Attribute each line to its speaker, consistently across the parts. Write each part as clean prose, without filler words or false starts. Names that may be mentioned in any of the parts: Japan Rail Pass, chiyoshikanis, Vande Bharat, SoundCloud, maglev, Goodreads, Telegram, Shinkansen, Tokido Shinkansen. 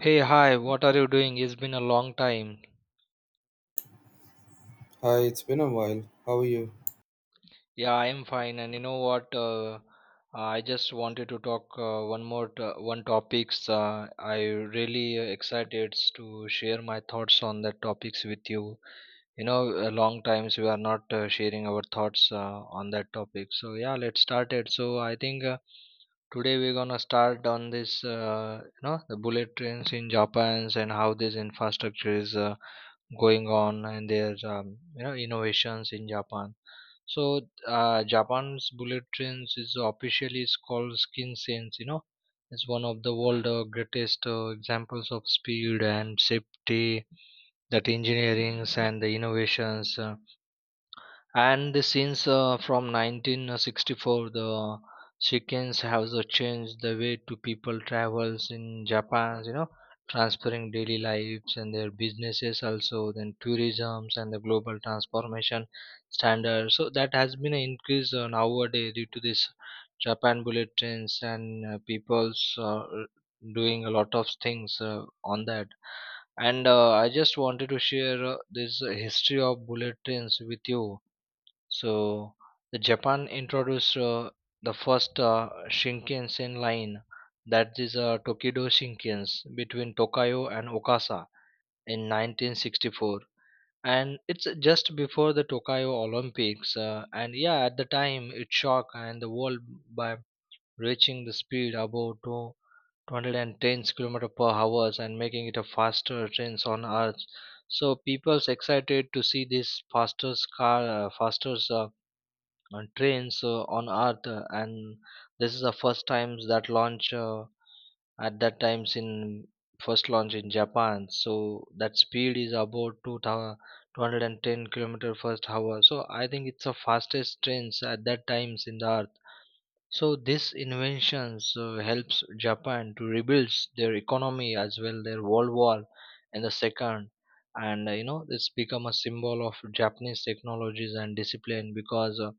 Speaker 1: Hey, hi, what are you doing? It's been a long time.
Speaker 2: Hi, it's been a while. How are you?
Speaker 1: Yeah, I'm fine. And you know what? I just wanted to talk one topics. I really excited to share my thoughts on that topics with you. You know, a long times we are not sharing our thoughts on that topic. So yeah, let's start it. So I think today we're gonna start on this. The bullet trains in Japan and how this infrastructure is. Going on and their innovations in Japan. So Japan's bullet trains is officially is called Skin Sense. It's one of the world greatest examples of speed and safety, that engineering and the innovations. And the since from 1964 the chickens have the changed the way to people travels in Japan, transferring daily lives and their businesses, also then tourisms and the global transformation standards. So that has been an increase nowadays due to this Japan bullet trains, and people's doing a lot of things on that. And I just wanted to share this history of bullet trains with you. So the Japan introduced the first Shinkansen line, that is Tokido Shinkansen between Tokayo and Okasa in 1964, and it's just before the Tokyo Olympics. And yeah, at the time it shocked and the world by reaching the speed above 210 kilometers per hours and making it a faster trains on earth. So people's excited to see this fastest car, fastest trains on earth, and this is the first times that launch at that times in first launch in Japan. So that speed is about 2,210 kilometer first hour. So I think it's the fastest trains at that times in the earth. So this inventions helps Japan to rebuild their economy, as well their world war in the second. And you know, it's become a symbol of Japanese technologies and discipline, because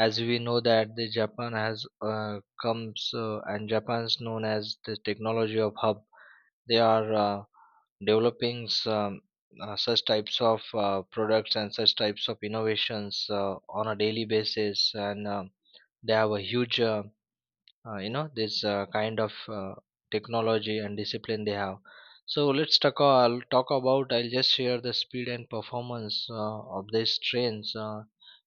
Speaker 1: as we know that the Japan has comes, and Japan's known as the technology of hub. They are developing some, such types of products and such types of innovations on a daily basis. And they have a huge this kind of technology and discipline they have. So let's talk I'll talk about, I'll just share the speed and performance of these trains.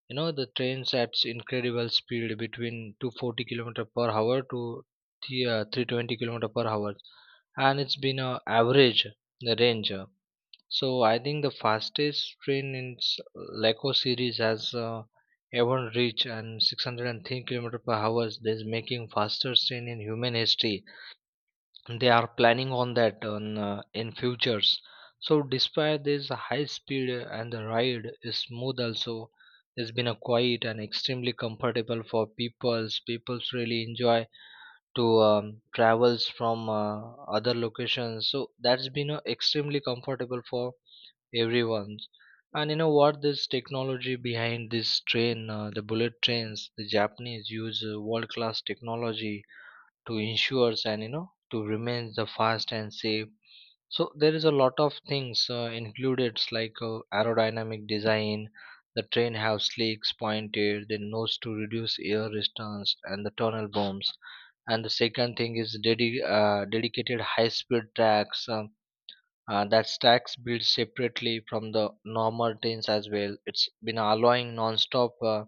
Speaker 1: You know, the trains at incredible speed between 240 kilometer per hour to 320 kilometer per hour, and it's been a average, the range. So I think the fastest train in Leco series has ever reached and 610 km per hour. This making fastest train in human history. They are planning on that on, in futures. So despite this high speed and the ride is smooth also. It's been a quiet and extremely comfortable for peoples. Peoples really enjoy to travels from other locations. So that's been extremely comfortable for everyone's. And you know what, this technology behind this train, the bullet trains, the Japanese use world class technology to ensure, and you know, to remain the fast and safe. So there is a lot of things included, like aerodynamic design. The train have slicks pointed the nose to reduce air resistance and the tunnel bombs. And the second thing is dedicated high speed tracks, that stacks build separately from the normal trains as well. It's been allowing non-stop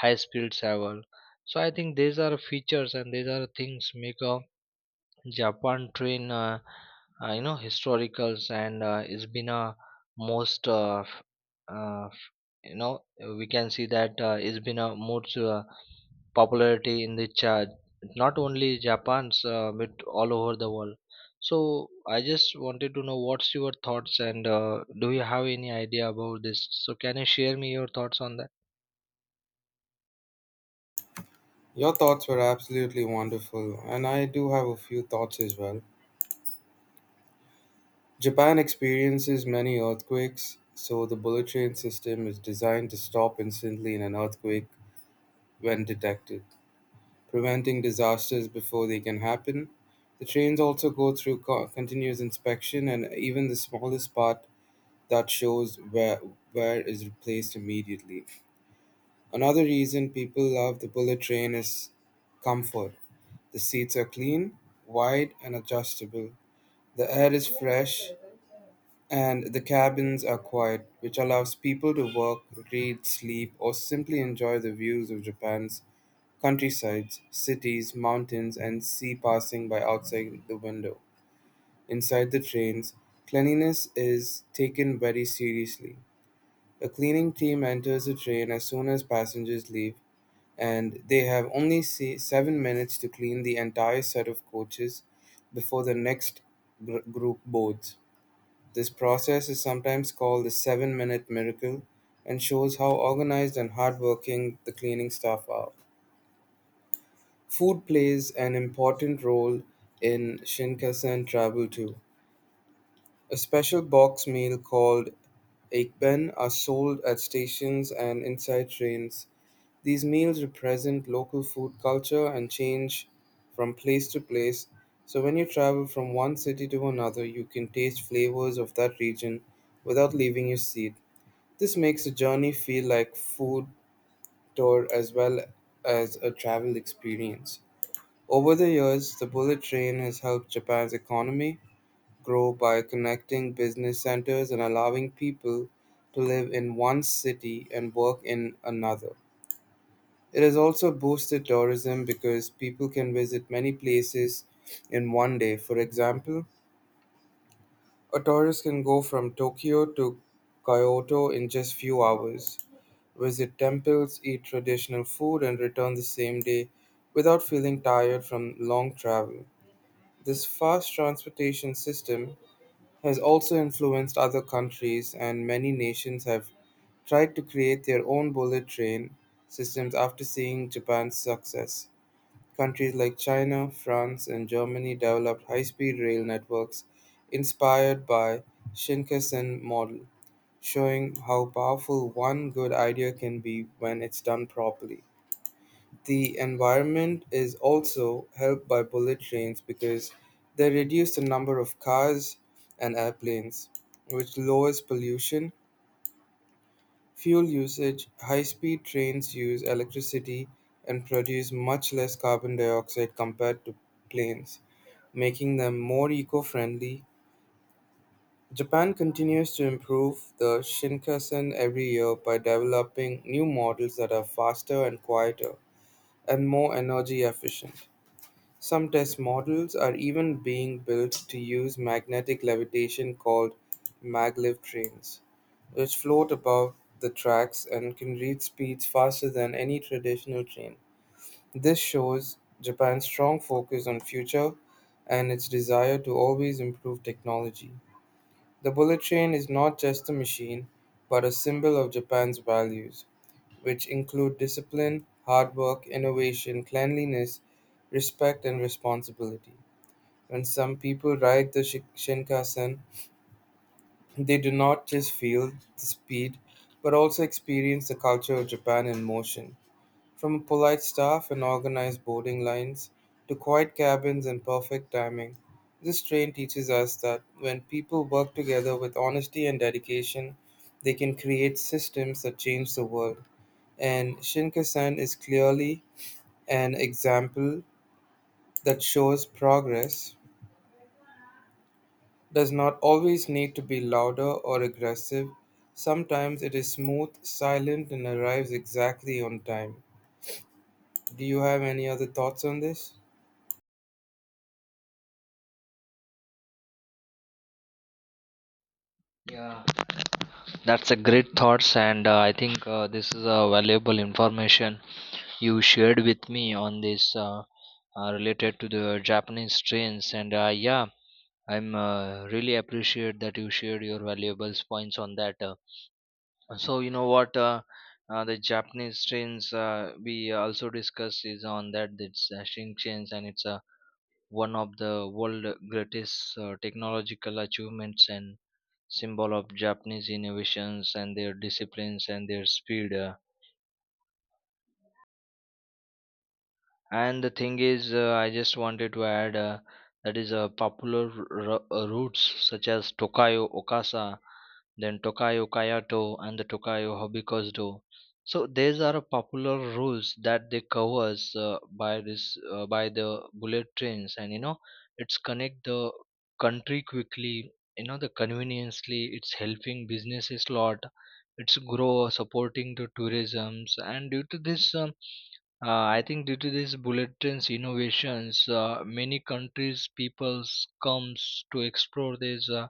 Speaker 1: high-speed travel. So I think these are features and these are things make a Japan train, you know, historicals. And it's been a most, uh, f- you know, we can see that it's been a most popularity in the chat, not only Japan's, but all over the world. So I just wanted to know what's your thoughts, and do you have any idea about this? So can you share me your thoughts on that?
Speaker 2: Your thoughts were absolutely wonderful, and I do have a few thoughts as well. Japan experiences many earthquakes, so the bullet train system is designed to stop instantly in an earthquake when detected, preventing disasters before they can happen. The trains also go through continuous inspection, and even the smallest part that shows where is replaced immediately. Another reason people love the bullet train is comfort. The seats are clean, wide, and adjustable. The air is fresh, and the cabins are quiet, which allows people to work, read, sleep, or simply enjoy the views of Japan's countrysides, cities, mountains, and sea passing by outside the window. Inside the trains, cleanliness is taken very seriously. A cleaning team enters the train as soon as passengers leave, and they have only 7 minutes to clean the entire set of coaches before the next group boards. This process is sometimes called the seven-minute miracle and shows how organized and hardworking the cleaning staff are. Food plays an important role in Shinkansen travel too. A special box meal called Ekben are sold at stations and inside trains. These meals represent local food culture and change from place to place. So when you travel from one city to another, you can taste flavors of that region without leaving your seat. This makes the journey feel like food tour as well as a travel experience. Over the years, the bullet train has helped Japan's economy grow by connecting business centers and allowing people to live in one city and work in another. It has also boosted tourism because people can visit many places in one day. For example, a tourist can go from Tokyo to Kyoto in just few hours, visit temples, eat traditional food, and return the same day without feeling tired from long travel. This fast transportation system has also influenced other countries, and many nations have tried to create their own bullet train systems after seeing Japan's success. Countries like China, France, and Germany developed high-speed rail networks inspired by Shinkansen model, showing how powerful one good idea can be when it's done properly. The environment is also helped by bullet trains because they reduce the number of cars and airplanes, which lowers pollution. Fuel usage: high speed trains use electricity and produce much less carbon dioxide compared to planes, making them more eco friendly. Japan continues to improve the Shinkansen every year by developing new models that are faster and quieter and more energy efficient. Some test models are even being built to use magnetic levitation, called maglev trains, which float above the tracks and can reach speeds faster than any traditional train. This shows Japan's strong focus on future and its desire to always improve technology. The bullet train is not just a machine, but a symbol of Japan's values, which include discipline, hard work, innovation, cleanliness, respect, and responsibility. When some people ride the Shinkansen, they do not just feel the speed, but also experience the culture of Japan in motion. From polite staff and organized boarding lines to quiet cabins and perfect timing, this train teaches us that when people work together with honesty and dedication, they can create systems that change the world. And Shinkansen is clearly an example that shows progress does not always need to be louder or aggressive. Sometimes it is smooth, silent, and arrives exactly on time. Do you have any other thoughts on this?
Speaker 1: Yeah, that's a great thoughts, and I think this is a valuable information you shared with me on this, related to the Japanese trains. And yeah, I'm really appreciate that you shared your valuable points on that. So you know what, the Japanese trains, we also discussed is on that. It's Shinkansen, and it's one of the world greatest technological achievements and symbol of Japanese innovations and their disciplines and their speed. And the thing is, I just wanted to add that is popular routes such as Tokayo Okasa, then Tokayo Kayato, and the Tokayo Hobikozudo. So these are popular routes that they covers by the bullet trains. And you know, it's connect the country quickly, you know, the conveniently. It's helping businesses lot. It's grow supporting the tourisms, and due to this. I think due to this bullet trains innovations, many countries peoples comes to explore these uh,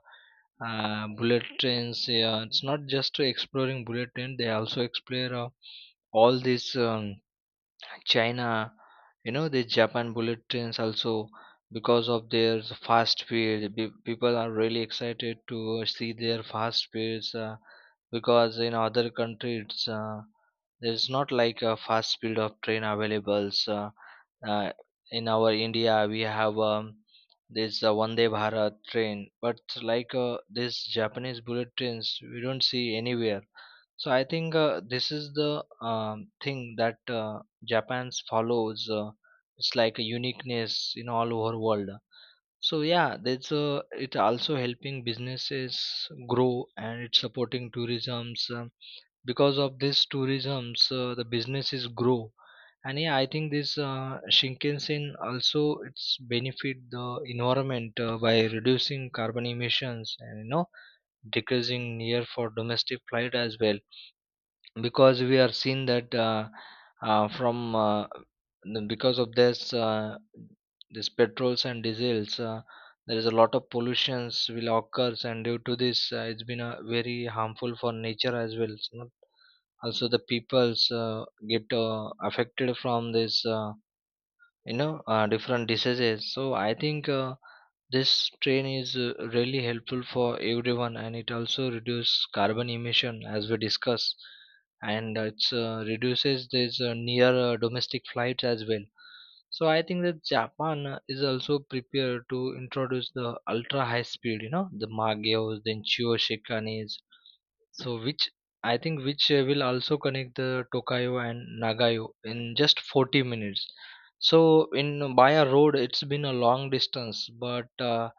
Speaker 1: uh, bullet trains. Yeah, it's not just to exploring bullet train; they also explore all these China, you know, the Japan bullet trains also, because of their fast speed. People are really excited to see their fast speeds, because in other countries. There's not like a fast speed of train available. So, uh, in our India we have this Vande Bharat train, but like this Japanese bullet trains, we don't see anywhere. So I think this is the thing that Japan follows. It's like a uniqueness in all over world. So yeah, that's it also helping businesses grow, and it's supporting tourism's. Because of this tourisms, the businesses grow. And yeah, I think this Shinkansen also, it's benefit the environment by reducing carbon emissions, and you know, decreasing near for domestic flight as well, because we are seeing that uh, from uh, because of this this petrols and diesels, there is a lot of pollutions will occurs, and due to this it's been a very harmful for nature as well. You know, also the peoples get affected from this, different diseases. So I think this train is really helpful for everyone, and it also reduces carbon emission, as we discuss. And it's reduces this near domestic flights as well. So I think that Japan is also prepared to introduce the ultra high speed, you know, the magios then chiyoshikanis, so which I think which will also connect the Tokayo and Nagayo in just 40 minutes. So in by a road it's been a long distance, but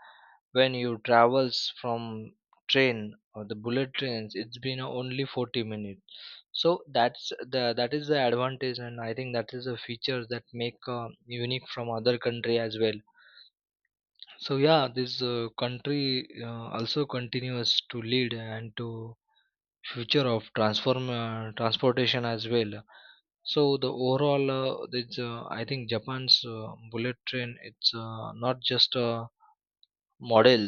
Speaker 1: when you travels from train or the bullet trains, it's been only 40 minutes. So that's the that is the advantage. And I think that is a feature that make unique from other country as well. So yeah, this country also continues to lead and to future of transform transportation as well. So the overall, it's, I think Japan's bullet train, it's not just a model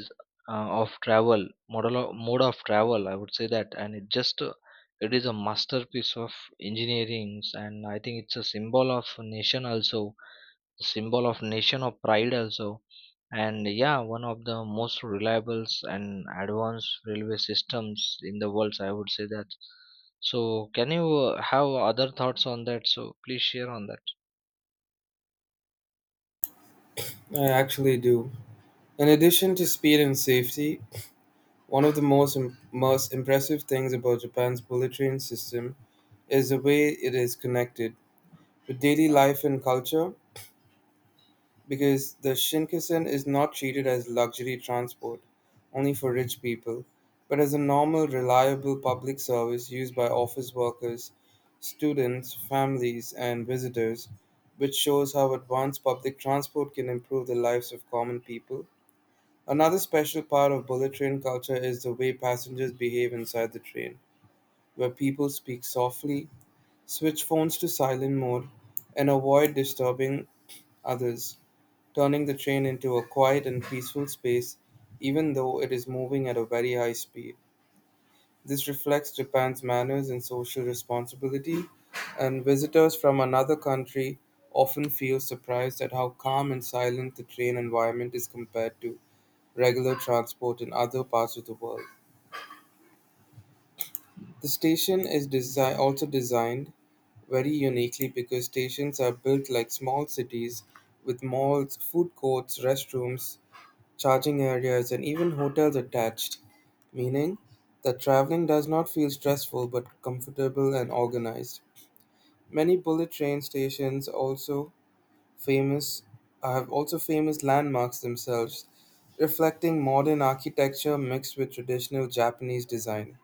Speaker 1: of travel, model of, mode of travel, I would say that. And it just it is a masterpiece of engineering. And I think it's a symbol of nation also, symbol of nation of pride also, and yeah, one of the most reliable and advanced railway systems in the world, I would say that. So can you have other thoughts on that? So please share on that.
Speaker 2: I actually do. In addition to speed and safety, one of the most impressive things about Japan's bullet train system is the way it is connected with daily life and culture, because the Shinkansen is not treated as luxury transport only for rich people, but as a normal, reliable public service used by office workers, students, families, and visitors, which shows how advanced public transport can improve the lives of common people. Another special part of bullet train culture is the way passengers behave inside the train, where people speak softly, switch phones to silent mode, and avoid disturbing others, turning the train into a quiet and peaceful space even though it is moving at a very high speed. This reflects Japan's manners and social responsibility, and visitors from another country often feel surprised at how calm and silent the train environment is compared to regular transport in other parts of the world. The station is desi also designed very uniquely, because stations are built like small cities with malls, food courts, restrooms, charging areas, and even hotels attached, meaning that traveling does not feel stressful but comfortable and organized. Many bullet train stations also famous have also famous landmarks themselves, reflecting modern architecture mixed with traditional Japanese design.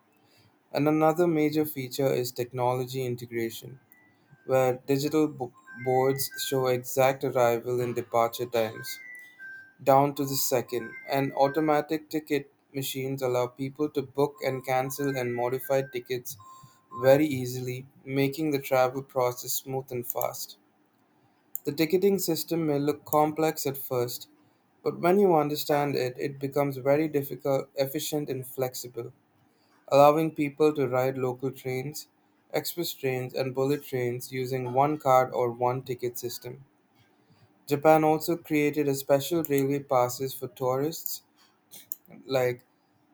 Speaker 2: And another major feature is technology integration, where digital boards show exact arrival and departure times down to the second, and automatic ticket machines allow people to book and cancel and modify tickets very easily, making the travel process smooth and fast. The ticketing system may look complex at first, but when you understand it, it becomes very difficult, efficient, and flexible, allowing people to ride local trains, express trains, and bullet trains using one card or one ticket system. Japan also created a special railway passes for tourists, like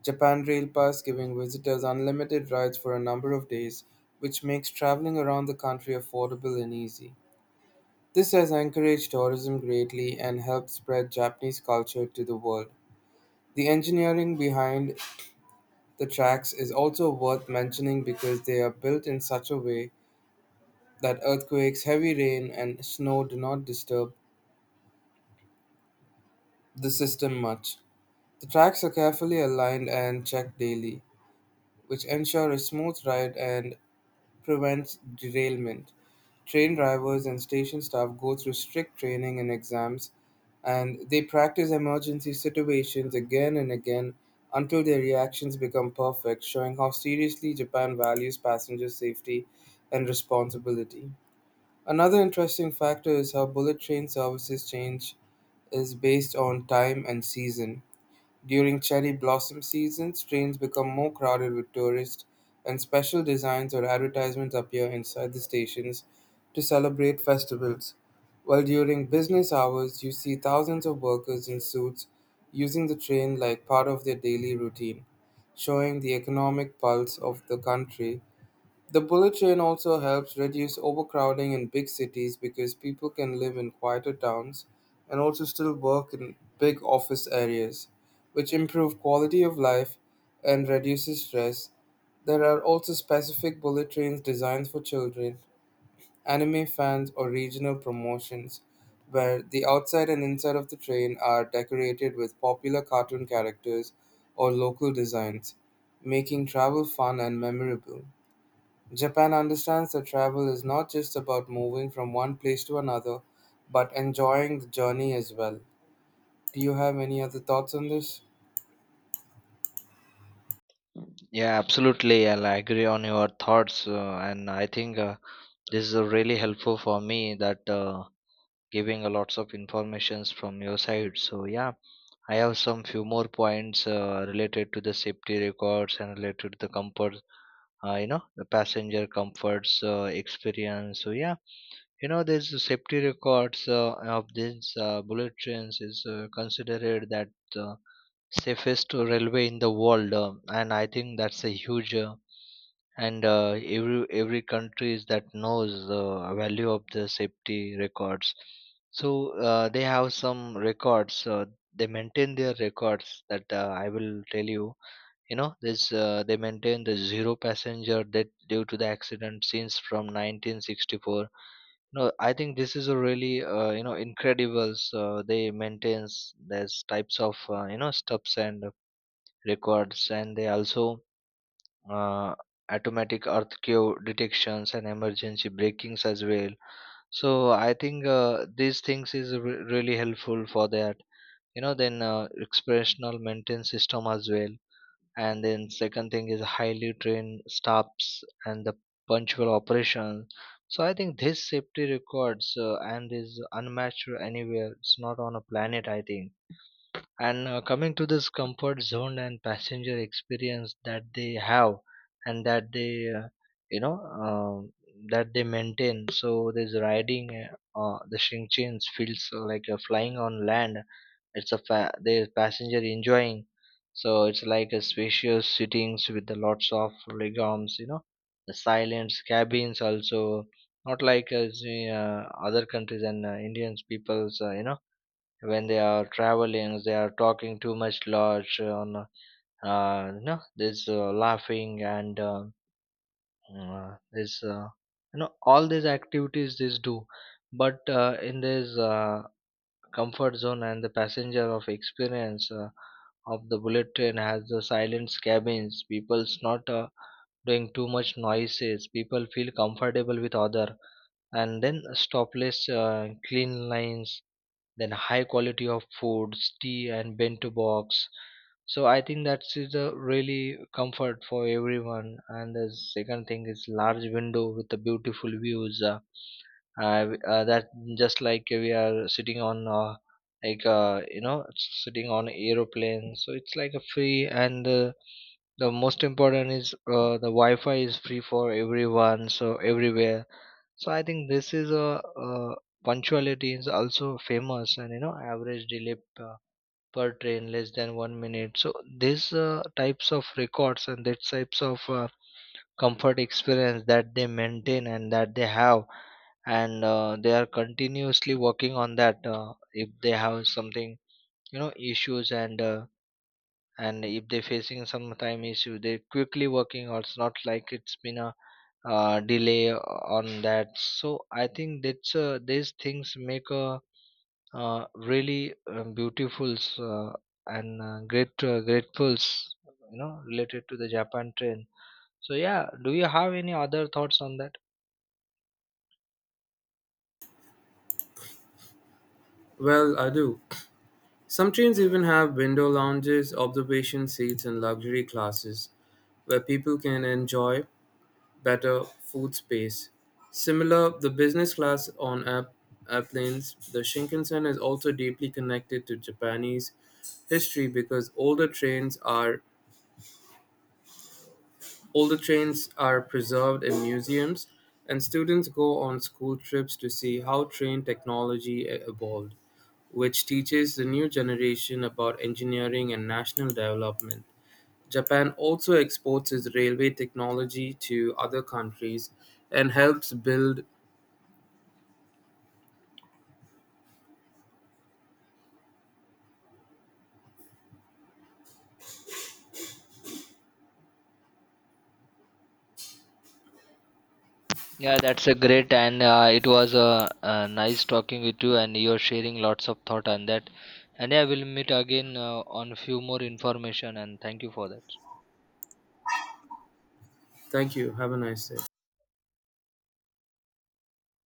Speaker 2: Japan Rail Pass, giving visitors unlimited rides for a number of days, which makes traveling around the country affordable and easy. This has encouraged tourism greatly and helped spread Japanese culture to the world. The engineering behind the tracks is also worth mentioning because they are built in such a way that earthquakes, heavy rain, and snow do not disturb the system much. The tracks are carefully aligned and checked daily, which ensure a smooth ride and prevents derailment. Train drivers and station staff go through strict training and exams, and they practice emergency situations again and again until their reactions become perfect, showing how seriously Japan values passenger safety and responsibility. Another interesting factor is how bullet train services change is based on time and season. During cherry blossom season, trains become more crowded with tourists, and special designs or advertisements appear inside the stations to celebrate festivals. While during business hours, you see thousands of workers in suits using the train like part of their daily routine, showing the economic pulse of the country. The bullet train also helps reduce overcrowding in big cities, because people can live in quieter towns and also still work in big office areas, which improve quality of life and reduces stress. There are also specific bullet trains designed for children, anime fans, or regional promotions, where the outside and inside of the train are decorated with popular cartoon characters or local designs, making travel fun and memorable. Japan understands that travel is not just about moving from one place to another, but enjoying the journey as well. Do you have any other thoughts on this?
Speaker 1: Yeah, absolutely. I'll agree on your thoughts, and I think this is really helpful for me, that giving a lots of informations from your side. So yeah, I have some few more points related to the safety records and related to the comfort, you know, the passenger comforts experience. So yeah, you know, there's a safety records of these bullet trains, is considered that uh, safest railway in the world, and I think that's a huge. Uh, and uh, every every countries that knows the value of the safety records. So they have some records, they maintain their records that, I will tell you. You know, this they maintain the zero passenger death due to the accident since from 1964. No, I think this is a really you know, incredible. So they maintains these types of you know, stops and records. And they also uh, automatic earthquake detections and emergency breakings as well. So I think these things is really helpful for that. You know, then expressional maintenance system as well. And then second thing is highly trained staffs and the punctual operation. So I think this safety records and is unmatched anywhere. It's not on a planet, I think. And coming to this comfort zone and passenger experience that they have, and that they you know um, that they maintain. So this riding the chains feels like flying on land. It's a there's passenger enjoying. So it's like a spacious sittings with the lots of legumes, you know, the silence cabins also, not like as the, other countries, and Indians peoples, you know, when they are traveling they are talking too much large on, you know, this laughing, and this you know, all these activities these do. But in this comfort zone and the passenger of experience of the bullet train has the silent cabins, people's not doing too much noises, people feel comfortable with other. And then stopless clean lines, then high quality of foods, tea and bento box. So I think that's a really comfort for everyone. And the second thing is large window with the beautiful views, that just like we are sitting on like you know sitting on aeroplane. So it's like a free, and the most important is the wi-fi is free for everyone, so everywhere. So I think this is a, uh punctuality is also famous. And you know, average delay per train less than 1 minute. So these types of records and these types of comfort experience that they maintain and that they have, and they are continuously working on that. If they have something, you know, issues, and if they facing some time issue, they quickly working. Or it's not like it's been a delay on that. So I think that's these things make a really beautiful, and great grateful, you know, related to the Japan train. So yeah, do you have any other thoughts on that?
Speaker 2: Well, I do. Some trains even have window lounges, observation seats, and luxury classes where people can enjoy better food space. Similar, the business class on airplanes, the Shinkansen is also deeply connected to Japanese history because Older trains are preserved in museums, and students go on school trips to see how train technology evolved, which teaches the new generation about engineering and national development. Japan also exports its railway technology to other countries and helps build.
Speaker 1: Yeah, that's a great, and it was nice talking with you, and you're sharing lots of thought on that. And yeah, we'll meet again on few more information, and thank you for that.
Speaker 2: Thank you. Have a nice day.